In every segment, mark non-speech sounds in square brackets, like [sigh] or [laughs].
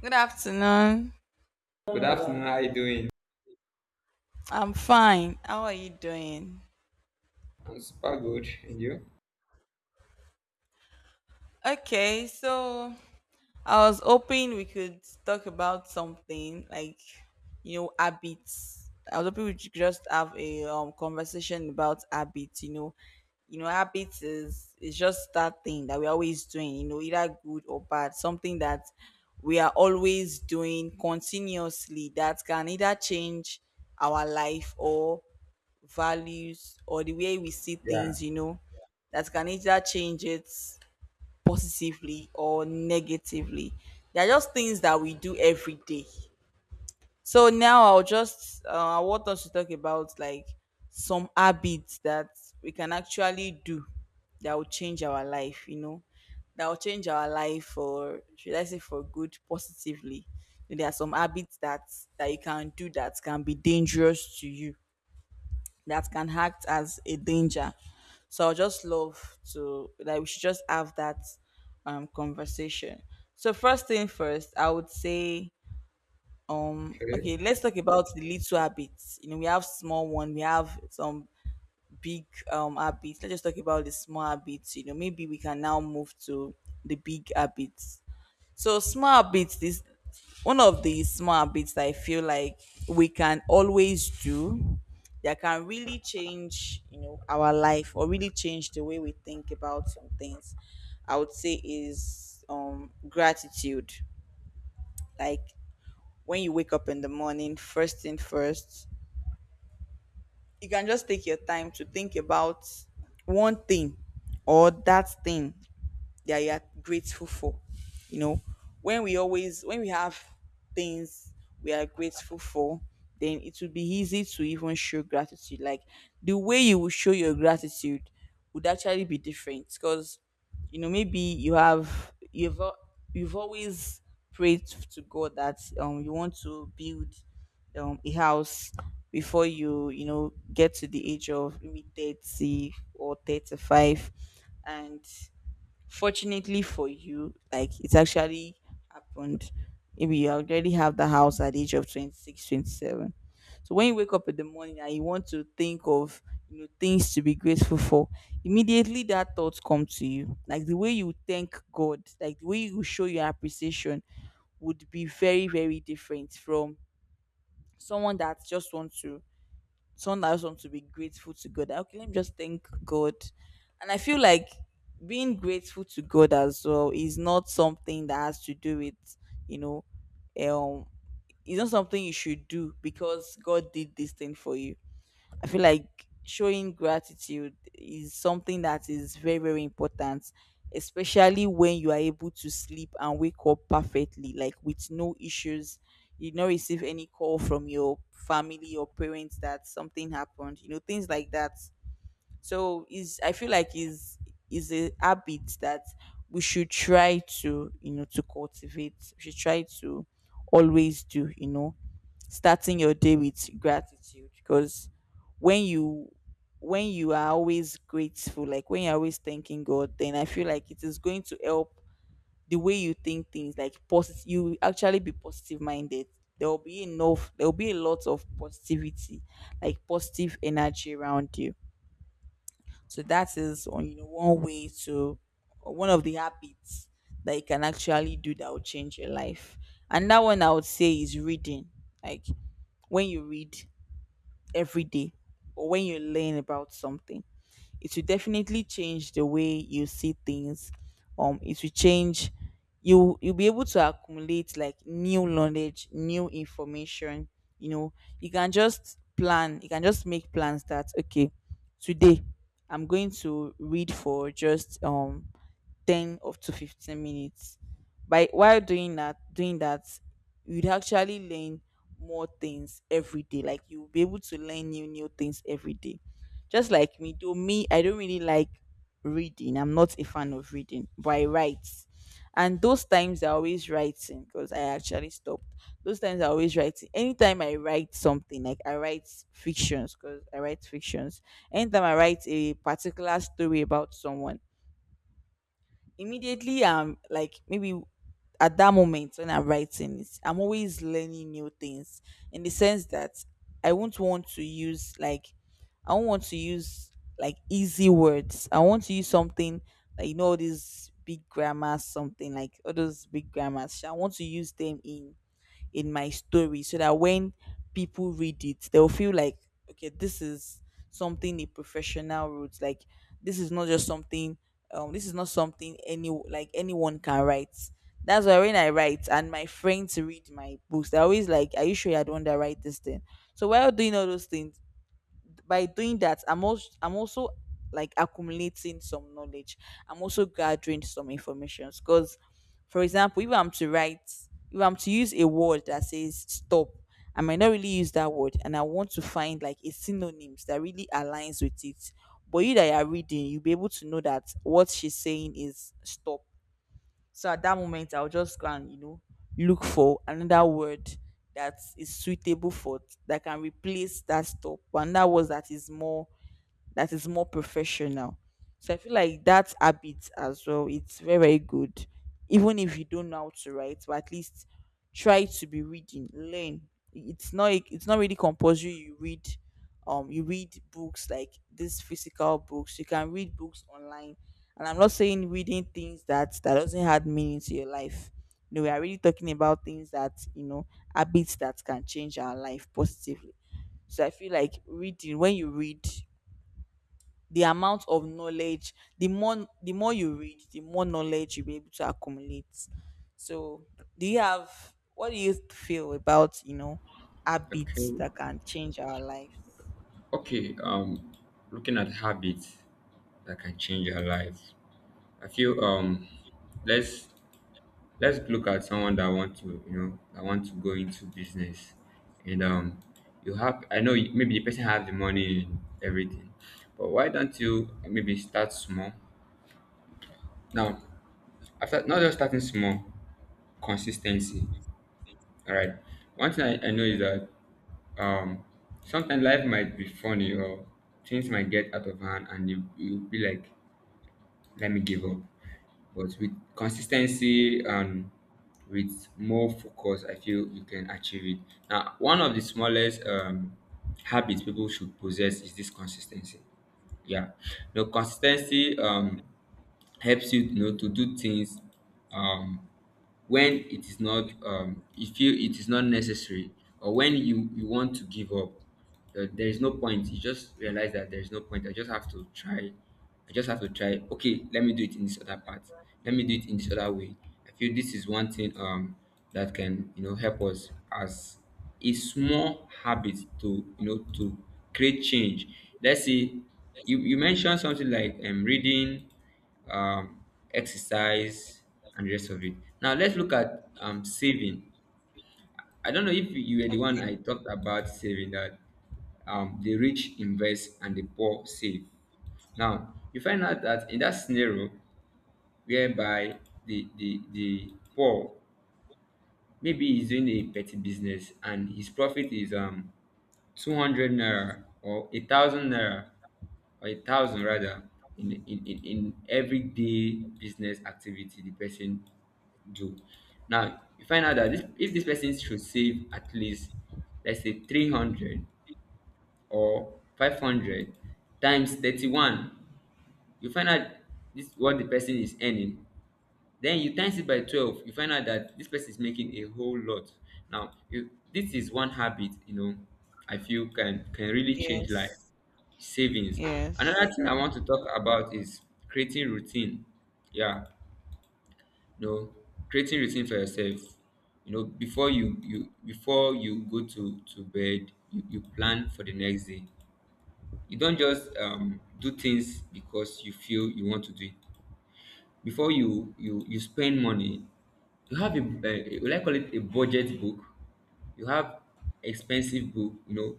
Good afternoon. Good afternoon. How are you doing? I'm fine. How are you doing? I'm super good. And you? Okay, so I was hoping we could talk about something like, habits. I was hoping we could just have a conversation about habits. Habits is just that thing that we're always doing. Either good or bad, something that we are always doing continuously that can either change our life or values or the way we see Yeah. things. That can either change it positively or negatively. They're just things that we do every day. So now I want us to talk about like some habits that we can actually do that will change our life. That will change our life for, should I say, for good positively. There are some habits that you can do that can be dangerous to you, that can act as a danger. So I just love to, like, we should just have that conversation. So first thing first, I would say, Okay. okay, let's talk about the little habits. We have small one, we have some big habits. Let's just talk about the small habits. Maybe we can now move to the big habits. So small habits. This one of the small habits that I feel like we can always do that can really change, our life, or really change the way we think about some things. I would say is gratitude. Like when you wake up in the morning, first thing first, you can just take your time to think about one thing or that thing that you are grateful for. You know, when we always when we have things we are grateful for, then it will be easy to even show gratitude. Like the way you will show your gratitude would actually be different because maybe you've always prayed to God that you want to build a house before you you know get to the age of maybe 30 or 35, and fortunately for you, like it's actually happened. Maybe you already have the house at the age of 26, 27. So when you wake up in the morning and you want to think of things to be grateful for, immediately that thought comes to you. Like the way you thank God, like the way you show your appreciation would be very, very different from someone that just wants to someone has want to be grateful to God. Okay, let me just thank God. And I feel like being grateful to God as well is not something that has to do with, you know, um, it's not something you should do because God did this thing for you. I feel like showing gratitude is something that is very, very important, especially when you are able to sleep and wake up perfectly, like with no issues. You don't receive any call from your family or parents that something happened, things like that. So is I feel like is a habit that we should try to you know to cultivate. We should try to always do, starting your day with gratitude, because when you are always grateful, like when you're always thanking God, then I feel like it is going to help the way you think things, like positive, you will actually be positive minded. There will be enough there will be a lot of positivity, like positive energy around you. So that is one- you know one way to one of the habits that you can actually do that will change your life. And that one I would say is reading. Like when you read every day, or when you learn about something, it will definitely change the way you see things. It will change you'll be able to accumulate like new knowledge, new information. You know, you can just make plans that, okay, today I'm going to read for just 10 up to 15 minutes. By while doing that doing that you'd actually learn more things every day, like you'll be able to learn new things every day. Just like me, though me, I don't really like reading. I'm not a fan of reading, but I write. And those times I always writing, because I actually stopped. Those times I always writing. Anytime I write something, like I write fictions because I write fictions. Anytime I write a particular story about someone, immediately I'm like, maybe at that moment when I'm writing it I'm always learning new things, in the sense that i won't want to use like I won't want to use like easy words. I want to use something like, all these big grammars, something like all those big grammars sha, I want to use them in my story, so that when people read it, they'll feel like, okay, this is something a professional wrote. Like this is not just something this is not something any like anyone can write. That's why when I write and my friends read my books, they're always like, "Are you sure you're the one that write this thing?" So while doing all those things, by doing that I'm also like accumulating some knowledge. I'm also gathering some information because, for example, if I'm to use a word that says stop, I might not really use that word, and I want to find, like, a synonyms that really aligns with it, but you that are reading you'll be able to know that what she's saying is stop. So at that moment, I'll just go and look for another word that is suitable for it, that can replace that stop, and that is more professional. So I feel like that habit as well, it's very, very good. Even if you don't know how to write, but at least try to be reading, learn. It's not really compulsory you read books like these physical books. You can read books online. And I'm not saying reading things that doesn't add meaning to your life. No, we are really talking about things that, habits that can change our life positively. So I feel like reading, when you read, the amount of knowledge the more you read, the more knowledge you'll be able to accumulate. So do you have what do you feel about habits Okay. that can change our lives? Okay. Um, Looking at habits that can change your life. I feel let's let's look at someone that want to that want to go into business, and you have I know you- maybe the person has the money and everything, but why don't you maybe start small? Now, after not just starting small, consistency. All right. One thing I know is that um sometimes life might be funny or things might get out of hand and you'll be like let me give up, but with consistency and with more focus, I feel you can achieve it. Now, one of the smallest habits people should possess is this consistency. Yeah, the consistency helps you, you know, to do things um when it is not you feel it is not necessary, or when you want to give up. There is no point. You just realize that there is no point. I just have to try. I just have to try. Okay, let me do it in this other part. Let me do it in this other way. I feel this is one thing that can, you know, help us as a small habit to, you know, to create change. Let's say you, you mentioned something like reading, um, exercise, and the rest of it. Now let's look at saving. I don't know if you were the one Okay. I talked about saving that the rich invest and the poor save. Now you find out that in that scenario whereby the poor, maybe he's doing a petty business and his profit is 200 naira or a thousand naira, or a thousand rather, in, in everyday business activity the person do. Now you find out that this, if this person should save at least let's say 300 or 500 times 31, you find out this what the person is earning, then you times it by 12, you find out that this person is making a whole lot. Now you, this is one habit, you know, I feel can really change life. Yes. Savings. Yes. Another thing I True. want to talk about is creating routine. Yeah, you know, creating routine for yourself. You know, before you before you go to bed, you plan for the next day. You don't just do things because you feel you want to do it. Before you spend money, you have a will I call it a budget book. You have expensive book, you know.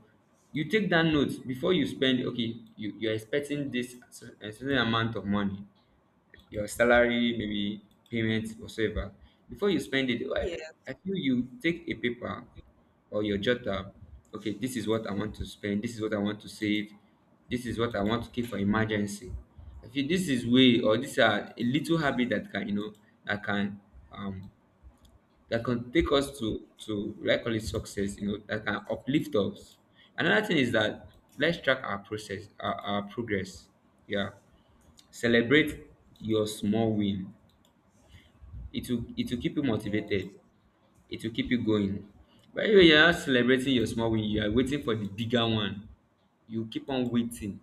You take that note before you spend. Okay, you you're expecting this a certain amount of money, your salary, maybe payment, whatsoever. Before you spend it, well, Yes. I feel you take a paper or your jotter. Okay, this is what I want to spend. This is what I want to save. This is what I want to keep for emergency. I feel this is way, or these are a little habit that can, you know, that can um that can take us to, like, call it success. You know, that can uplift us. Another thing is that let's track our process, our progress. Yeah, celebrate your small win. It will keep you motivated. Yes. It will keep you going. But anyway, you're not celebrating your small win. You are waiting for the bigger one. You keep on waiting.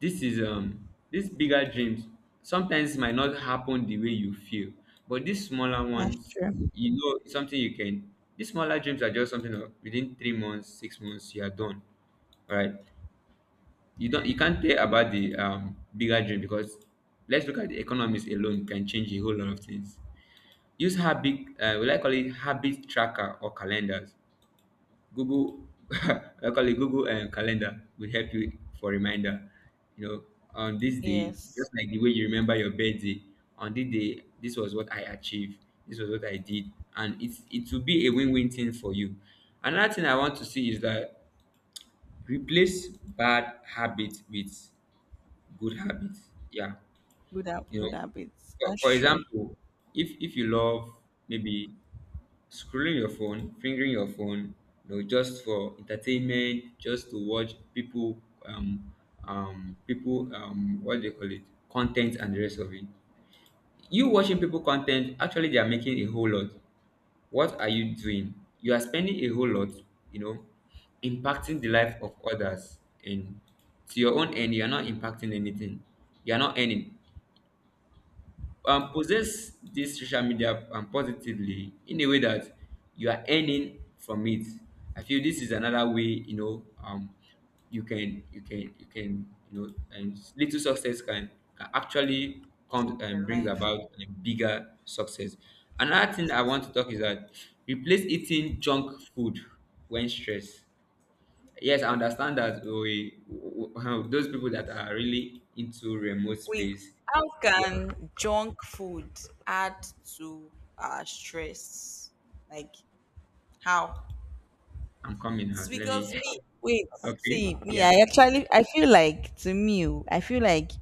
This is these bigger dreams sometimes might not happen the way you feel. But these smaller That's ones, true. you know, it's something you can, these smaller dreams are just something of within 3 months, 6 months you are done, right? You don't, you can't tell about the bigger dream, because let's look at the economies alone can change a whole lot of things. Use habit, will I call it habit tracker or calendars? Google, [laughs] I call it Google Calendar will help you for reminder. You know, on this day, Yes. just like the way you remember your birthday, on this day, this was what I achieved, this was what I did, and it will be a win-win thing for you. Another thing I want to see is that replace bad habits with good habits. Yeah, Good. You know, Good habits. That's for true. example, if you love maybe scrolling your phone, fingering your phone, you know, just for entertainment, just to watch people, people, what do they call it, content and the rest of it. You watching people content, actually, they are making a whole lot. What are you doing? You are spending a whole lot, you know, impacting the life of others, and to your own end, you are not impacting anything. You are not earning possess this social media positively in a way that you are earning from it. I feel this is another way, you know, you can, you know, and little success can actually Change come and your brings life. about a bigger success. Another thing I want to talk is that replace eating junk food when stressed. Yes, I understand that we, [laughs] those people that are really into remote Wait, space how yeah, can junk food add to our stress? Like, how? I'm coming It's now. Let because me me, wait, [laughs] okay. see, me, Yeah. I feel like, to me, oh, I feel like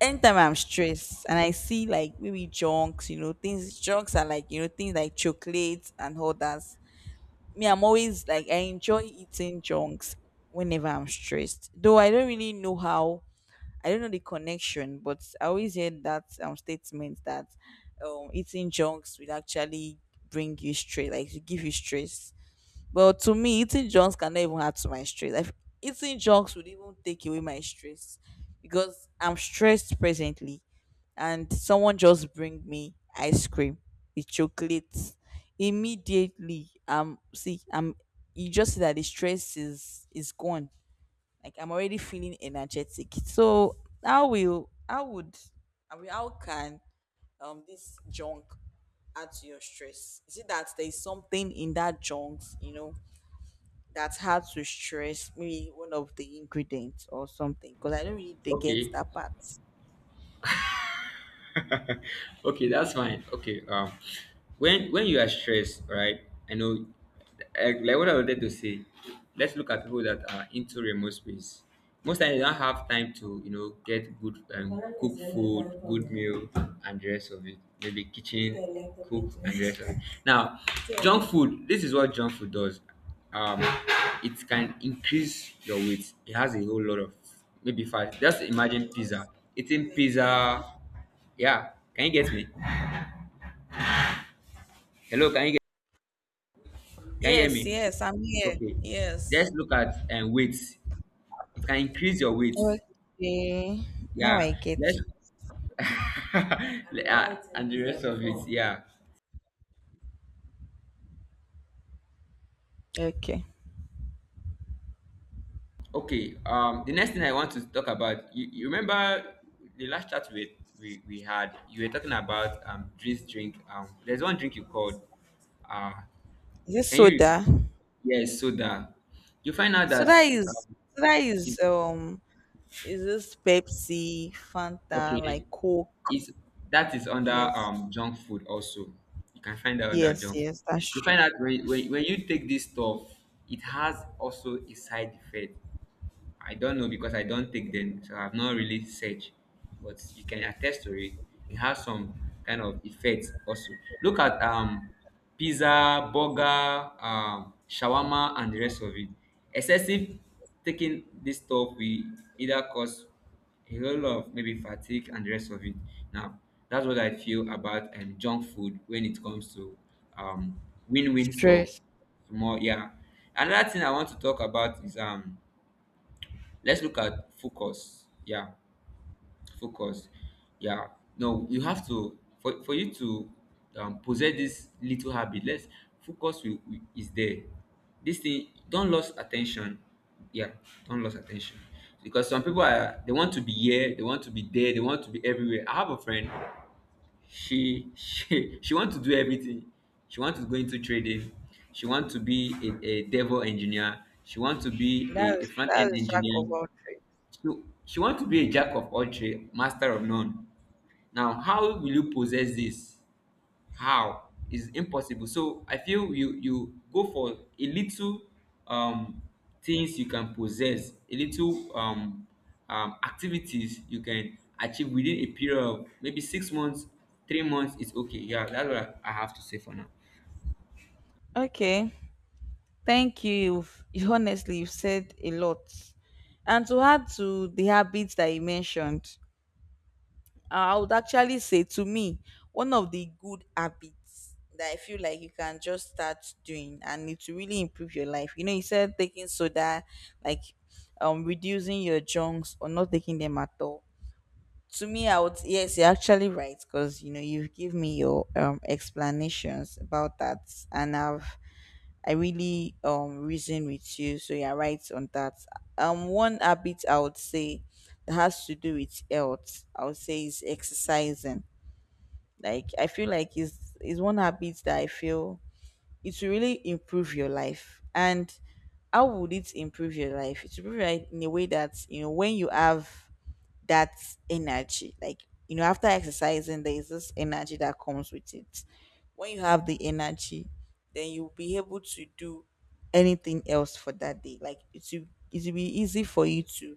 anytime I'm stressed and I see like maybe junks, things, junks are like, things like chocolates and all that. Me, I'm always like, I enjoy eating junks whenever I'm stressed. Though I don't really know how, I don't know the connection, but I always hear that statement that eating junks will actually bring you stress, like, to give you stress. But to me, eating junks cannot even add to my stress. Like eating junks would even take away my stress because I'm stressed presently, and someone just bring me ice cream with chocolate. Immediately, see, I'm you just see that the stress is gone. Like I'm already feeling energetic. So how will how would I mean, how can this junk add to your stress? Is it that there is something in that junk, that's hard to stress, maybe one of the ingredients or something, because I don't really they get Okay. that part. okay that's fine okay When you are stressed, right? I know, like what I wanted to say, let's look at people that are into remote space. Most times they don't have time to, you know, get good cook food, good meal and the rest of it, maybe kitchen cook and the rest of it. Now, junk food, this is what junk food does. um it can increase your weight. It has a whole lot of maybe fat. Just imagine Oh, pizza, eating okay. pizza. Yeah, can you get me? Hello, can you get, can you hear Yes, me? yes, I'm here. Okay. Let's Yes. look at weight. It can increase your weight. Okay, now Yeah. I get Let's it. [laughs] Yeah, yeah, and the rest like of it. Yeah. Okay, Okay. The next thing I want to talk about. You remember the last chat we, we had? You were talking about drink. There's one drink you called. Uh, is it can you? soda? Yes, soda. You find out that Soda is um, soda is it's um is this Pepsi, Fanta, like okay, Coke? is that is under Yes, junk food also. You can find out under yes, junk food. yes. You That's true. find out when you take this stuff, it has also a side effect. I don't know because I don't take them, so I've not really searched. But you can attest to it. It has some kind of effects also. Look at pizza, burger, shawarma, and the rest of it. Excessive taking this stuff will either cause a whole lot of maybe fatigue and the rest of it. Now, that's what I feel about junk food when it comes to um win-win stuff. Stress. More yeah. Another thing I want to talk about is let's look at focus. Yeah, focus. Yeah, no, you have to, for you to possess this little habit. Let's focus is there this thing, don't lose attention. Yeah, don't lose attention, because some people are, they want to be here, they want to be there, they want to be everywhere. I have a friend, she [laughs] she wants to do everything. She wants to go into trading. She wants to be a devil engineer. She wants to be a That's front-end that's jack engineer. of all she, she wants to be a jack of all trade, master of none. Now, how will you possess this? How? It's impossible. So I feel you go for a little um things you can possess, a little activities you can achieve within a period of maybe 6 months, 3 months. It's okay. Yeah, that's what I have to say for now. trades. Okay. Thank you. [laughs] Honestly, you've said a lot. And to add to the habits that you mentioned, I would actually say, to me, one of the good habits that I feel like you can just start doing and it will really improve your life. You said taking soda, like reducing your junks or not taking them at all. To me, I would yes, you're actually right, because you've given me your explanations about that, and I really reason with you, so you're right on that. One habit I would say that has to do with health, I would say is exercising. Like I feel like is one habit that I feel it will really improve your life. And how would it improve your life? It will improve your life in a way that, you know, when you have that's energy. Like, you know, after exercising, there is this energy that comes with it. When you have the energy, then you'll be able to do anything else for that day. Like, it will be easy for you to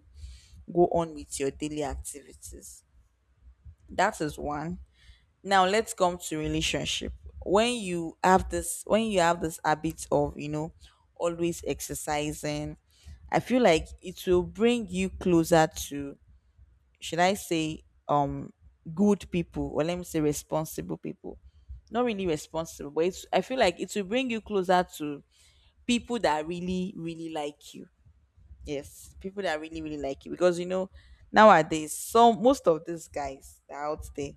go on with your daily activities. That is one. Now let's come to relationship. When you have this habit of, you know, always exercising, I feel like it will bring you closer to, should I say, um good people, or let me say responsible people. Not really responsible, but it's, I feel like it will bring you closer to people that really, really like you. Yes, people that really, really like you. Because, you know, nowadays, some, most of these guys that are out there,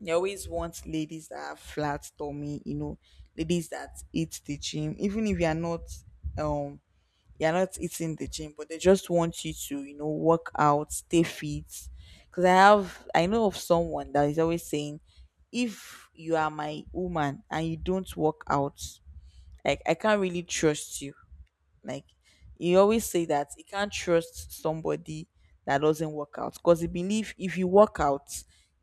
they always want ladies that are flat tummy, you know, ladies that eat the gym, even if you are not um you're not eating the gym, but they just want you to, you know, work out, stay fit. Because I have, I know of someone that is always saying, if you are my woman and you don't work out, like I can't really trust you. Like you always say that you can't trust somebody that doesn't work out, because you believe if you work out,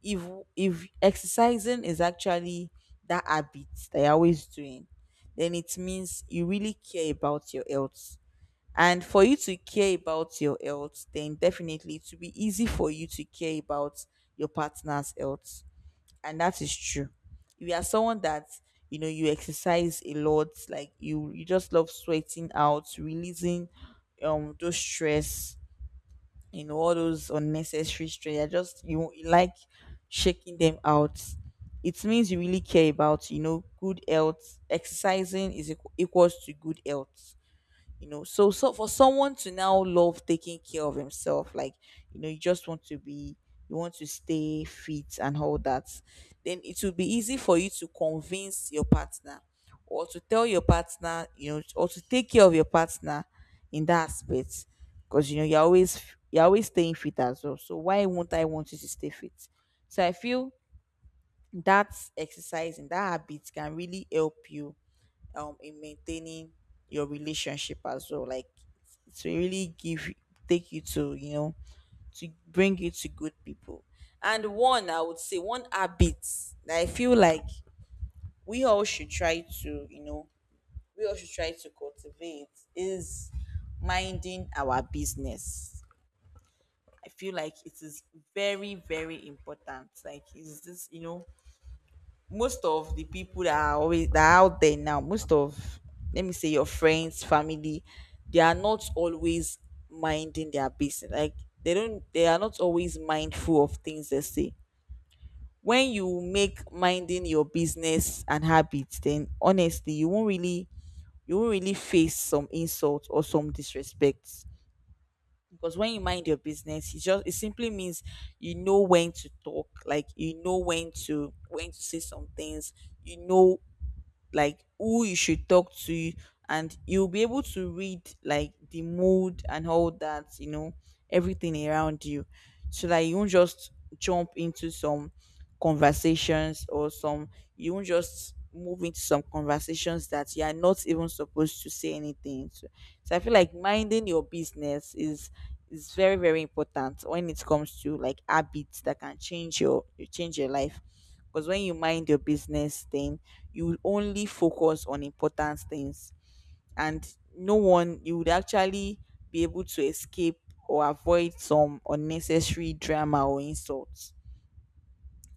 if if exercising is actually that habit that you're always doing, then it means you really care about your health. And for you to care about your health, then definitely it will be easy for you to care about your partner's health. And that is true. If you are someone that, you know, you exercise a lot, like you just love sweating out, releasing those stress, you know, all those unnecessary stress, you just you, you like shaking them out, it means you really care about, you know, good health. Exercising is equals to good health, you know. So for someone to now love taking care of himself, like you know, you just want to be, you want to stay fit and all that, then it will be easy for you to convince your partner or to tell your partner, you know, or to take care of your partner in that aspect. Because you know, you're always, you're always staying fit as well, so why won't I want you to stay fit? So I feel that exercise and that habit can really help you in maintaining your relationship as well, like to really give, take you to, you know, to bring you to good people. And one, I would say, one habit that I feel like we all should try to, you know, we all should try to cultivate is minding our business. I feel like it is very, very important. Like is this, you know, most of the people that are always, that are out there now, most of, let me say, your friends, family, they are not always minding their business. Like they don't, they are not always mindful of things they say. When you make minding your business and habits, then honestly you won't really, you won't really face some insult or some disrespect. Because when you mind your business, it just, it simply means you know when to talk, like you know when to, when to say some things, you know, like who you should talk to, and you'll be able to read like the mood and all that, you know, everything around you, so that you won't just jump into some conversations or some, you won't just move into some conversations that you are not even supposed to say anything to. So I feel like minding your business is very, very important when it comes to like habits that can change your, you change your life. Because when you mind your business thing, you will only focus on important things, and no one, you would actually be able to escape or avoid some unnecessary drama or insults.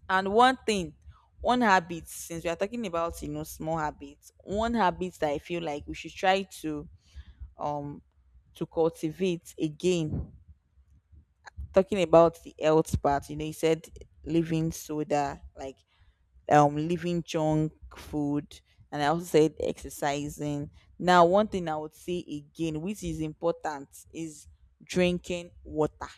And one thing, one habit, since we are talking about, you know, small habits, one habit that I feel like we should try um to cultivate again. Talking about the health part, you know, you said living soda, like leaving junk food, and I also said exercising. Now one thing I would say again, which is important, is drinking water.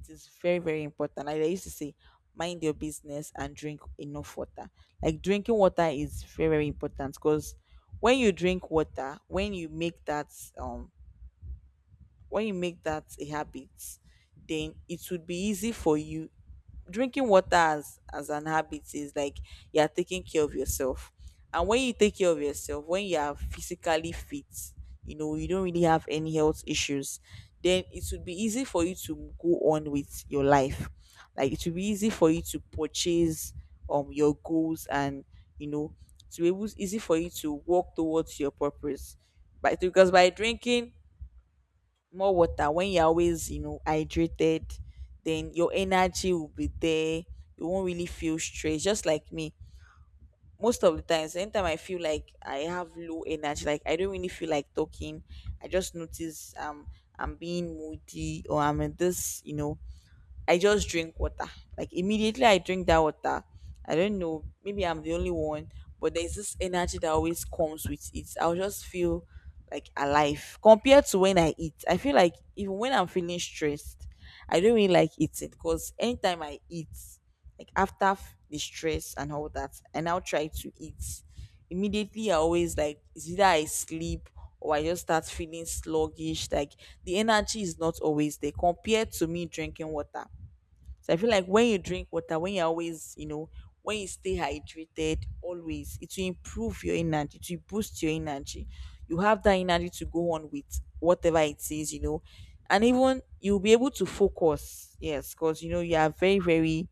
It is very, very important. Like I used to say, mind your business and drink enough water. Like drinking water is very, very important because when you drink water, when you make that um when you make that a habit, then it would be easy for you. Drinking water as an habit is like you are taking care of yourself. And when you take care of yourself, when you are physically fit, you know, you don't really have any health issues, then it would be easy for you to go on with your life. Like it would be easy for you to purchase your goals and, you know, to be able, easy for you to walk towards your purpose. But because by drinking more water, when you're always, you know, hydrated, then your energy will be there. You won't really feel stressed. Just like me, most of the times, anytime I feel like I have low energy, like I don't really feel like talking, I just notice I'm being moody or I'm in this, you know, I just drink water. Like immediately I drink that water. I don't know, maybe I'm the only one, but there's this energy that always comes with it. I'll just feel like alive compared to when I eat. I feel like even when I'm feeling stressed, I don't really like eating, because anytime I eat, like after the stress and all that, I now try to eat. Immediately I always, like it's either I sleep or I just start feeling sluggish. Like the energy is not always there compared to me drinking water. So I feel like when you drink water, when you always, you know, when you stay hydrated, always, it will improve your energy, it will boost your energy. You have that energy to go on with whatever it is, you know, and even you'll be able to focus. Yes, because you know you are very, very,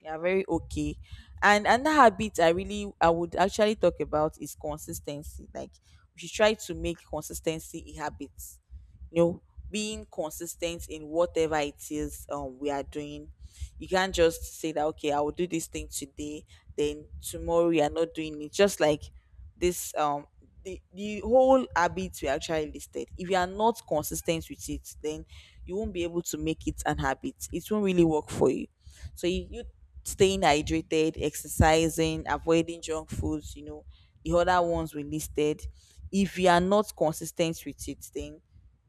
yeah, very okay. And another habit I really, I would actually talk about is consistency. Like we should try to make consistency a habit. You know, being consistent in whatever it is, we are doing. You can't just say that, okay, I will do this thing today, then tomorrow you are not doing it. Just like this the whole habit we actually listed. If you are not consistent with it, then you won't be able to make it an habit. It won't really work for you. So you staying hydrated, exercising, avoiding junk foods, you know, the other ones we listed. If you are not consistent with it, then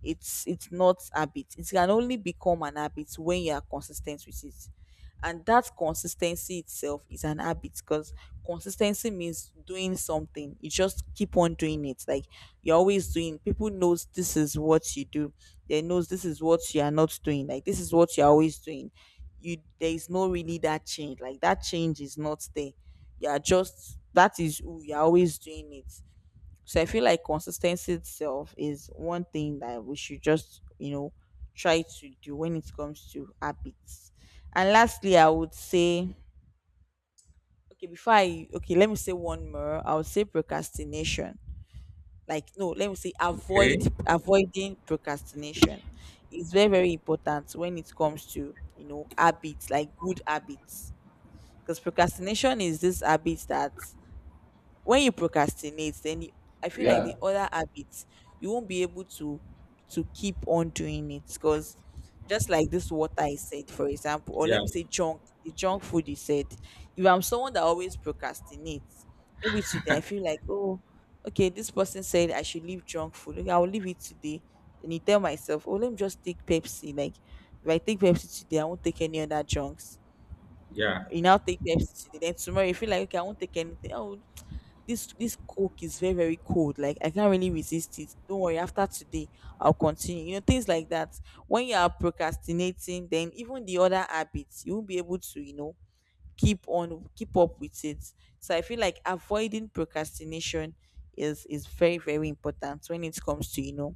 it's not habit. It can only become an habit when you are consistent with it, and that consistency itself is an habit. Because consistency means doing something, you just keep on doing it, like you're always doing, people knows this is what you do, they knows this is what you are not doing, like this is what you're always doing. You, there is no really that change, like that change is not there, you are just, that is who you are, always doing it. So I feel like consistency itself is one thing that we should just, you know, try to do when it comes to habits. And lastly, I would say, okay, before I, okay, let me say one more. I would say procrastination. Like, no, let me say avoid, Okay. avoiding procrastination is very, very important when it comes to, you know, habits, like good habits. Because procrastination is this habit that when you procrastinate, then you, I feel like Yeah. the other habits, you won't be able to keep on doing it. Because just like this water I said, for example, or Yeah, let me say junk, the junk food you said, if I'm someone that always procrastinates, maybe today I feel like, oh, okay, this person said I should leave junk food, okay, I'll leave it today. And you tell myself, oh, let me just take Pepsi. Like if I take Pepsi today, I won't take any other junks. yeah. You now take Pepsi today. Then tomorrow you feel like, okay, I won't take anything. Oh, this coke is very very cold, like I can't really resist it. Don't worry, after today I'll continue, things like that. When you are procrastinating, then even the other habits you won't be able to, you know, keep up with it. So I feel like avoiding procrastination is very very important when it comes to, you know,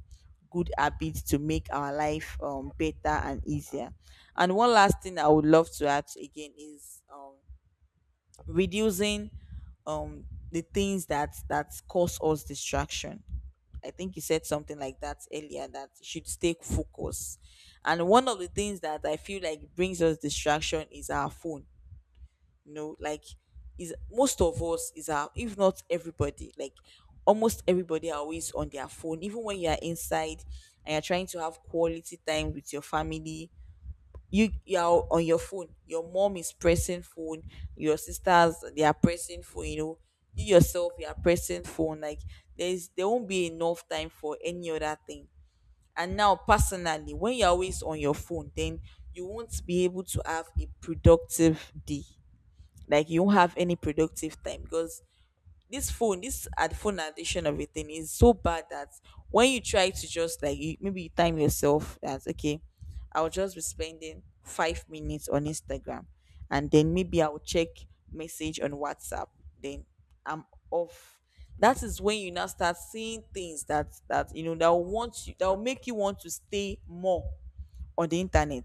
good habits to make our life better and easier. And one last thing I would love to add again is reducing, um the things that cause us distraction. I think you said something like that earlier, that you should stay focused. And one of the things that I feel like brings us distraction is our phone. you know like is most of us, is our, if not everybody, like almost everybody are always on their phone. Even when you are inside and you're trying to have quality time with your family, you're on your phone, your mom is pressing phone, your sisters they are pressing phone, you know, you yourself you are pressing phone. Like there won't be enough time for any other thing. And now personally, when you're always on your phone, then you won't be able to have a productive day. Like you won't have any productive time, because this ad phone addiction of a thing is so bad that when you try to just maybe you time yourself that okay, I'll just be spending 5 minutes on Instagram, and then maybe I'll check message on WhatsApp. Then I'm off. That is when you now start seeing things that, you know, that will want you, that will make you want to stay more on the internet.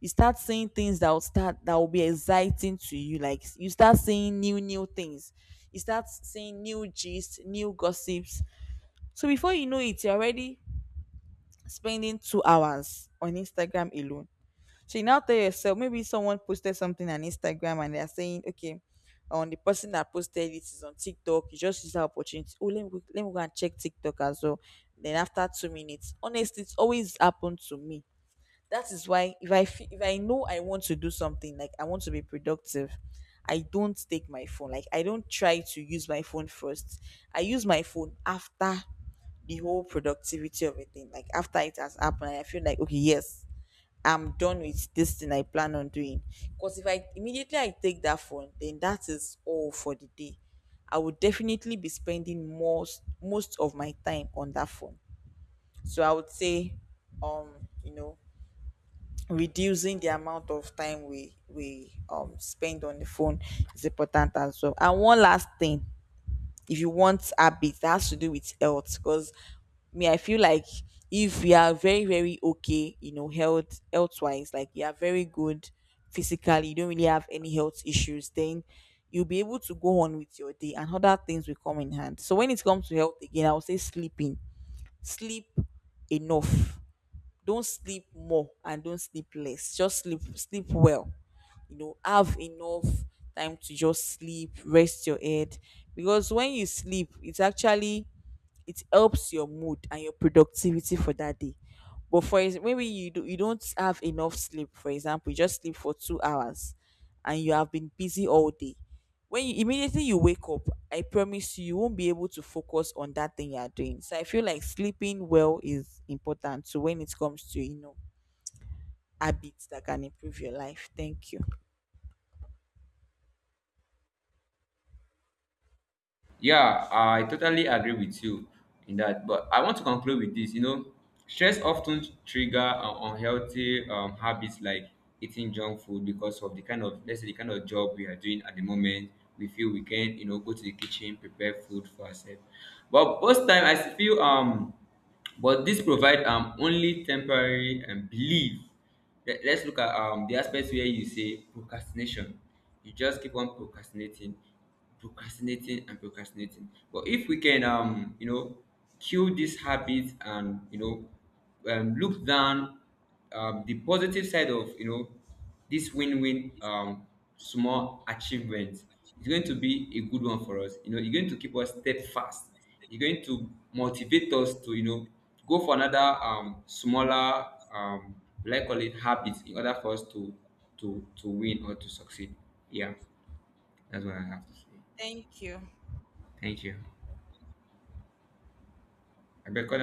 You start seeing things that will be exciting to you. Like you start seeing new things, you start seeing new gist, new gossips. So before you know it, you're already spending 2 hours on Instagram alone. So you now tell yourself, maybe someone posted something on Instagram, and they're saying okay, on the person that posted it is on TikTok. You just use that opportunity. Oh, let me go and check TikTok as well. Then after 2 minutes, honestly, it's always happened to me. That is why if I know I want to do something, like I want to be productive, I don't take my phone. Like I don't try to use my phone first. I use my phone after the whole productivity of a thing. Like after it has happened, I feel like okay, yes, I'm done with this thing I plan on doing. Because if I immediately I take that phone, then that is all for the day. I would definitely be spending most of my time on that phone. So I would say, um, you know, reducing the amount of time we spend on the phone is important as well. And one last thing, if you want habits, that has to do with health. Because me, I feel like if we are very very okay, you know, health wise, like you are very good physically, you don't really have any health issues, then you'll be able to go on with your day, and other things will come in hand. So when it comes to health again, I would say sleeping. Sleep enough. Don't sleep more and don't sleep less, just sleep well. You know, have enough time to just sleep, rest your head. Because when you sleep, it's actually, it helps your mood and your productivity for that day. But maybe you don't have enough sleep. For example, you just sleep for 2 hours, and you have been busy all day. When you wake up, I promise you, you won't be able to focus on that thing you are doing. So I feel like sleeping well is important. So when it comes to, you know, habits that can improve your life, thank you. Yeah, I totally agree with you in that. But I want to conclude with this. You know, stress often trigger unhealthy habits like eating junk food, because of the kind of, let's say the kind of job we are doing at the moment. We feel we can, you know, go to the kitchen, prepare food for ourselves, but most time I feel but this provide only temporary belief. Let's look at the aspect where you say procrastination. You just keep on procrastinating, procrastinating and procrastinating, but if we can, you know, kill this habit, and you know, look down the positive side of, you know, this win-win small achievement, is going to be a good one for us. You know, it's going to keep us steadfast. It's going to motivate us to, you know, go for another smaller, um, like call it habits, in order for us to win or to succeed. Yeah, that's what I have to say. Thank you. Thank you. I better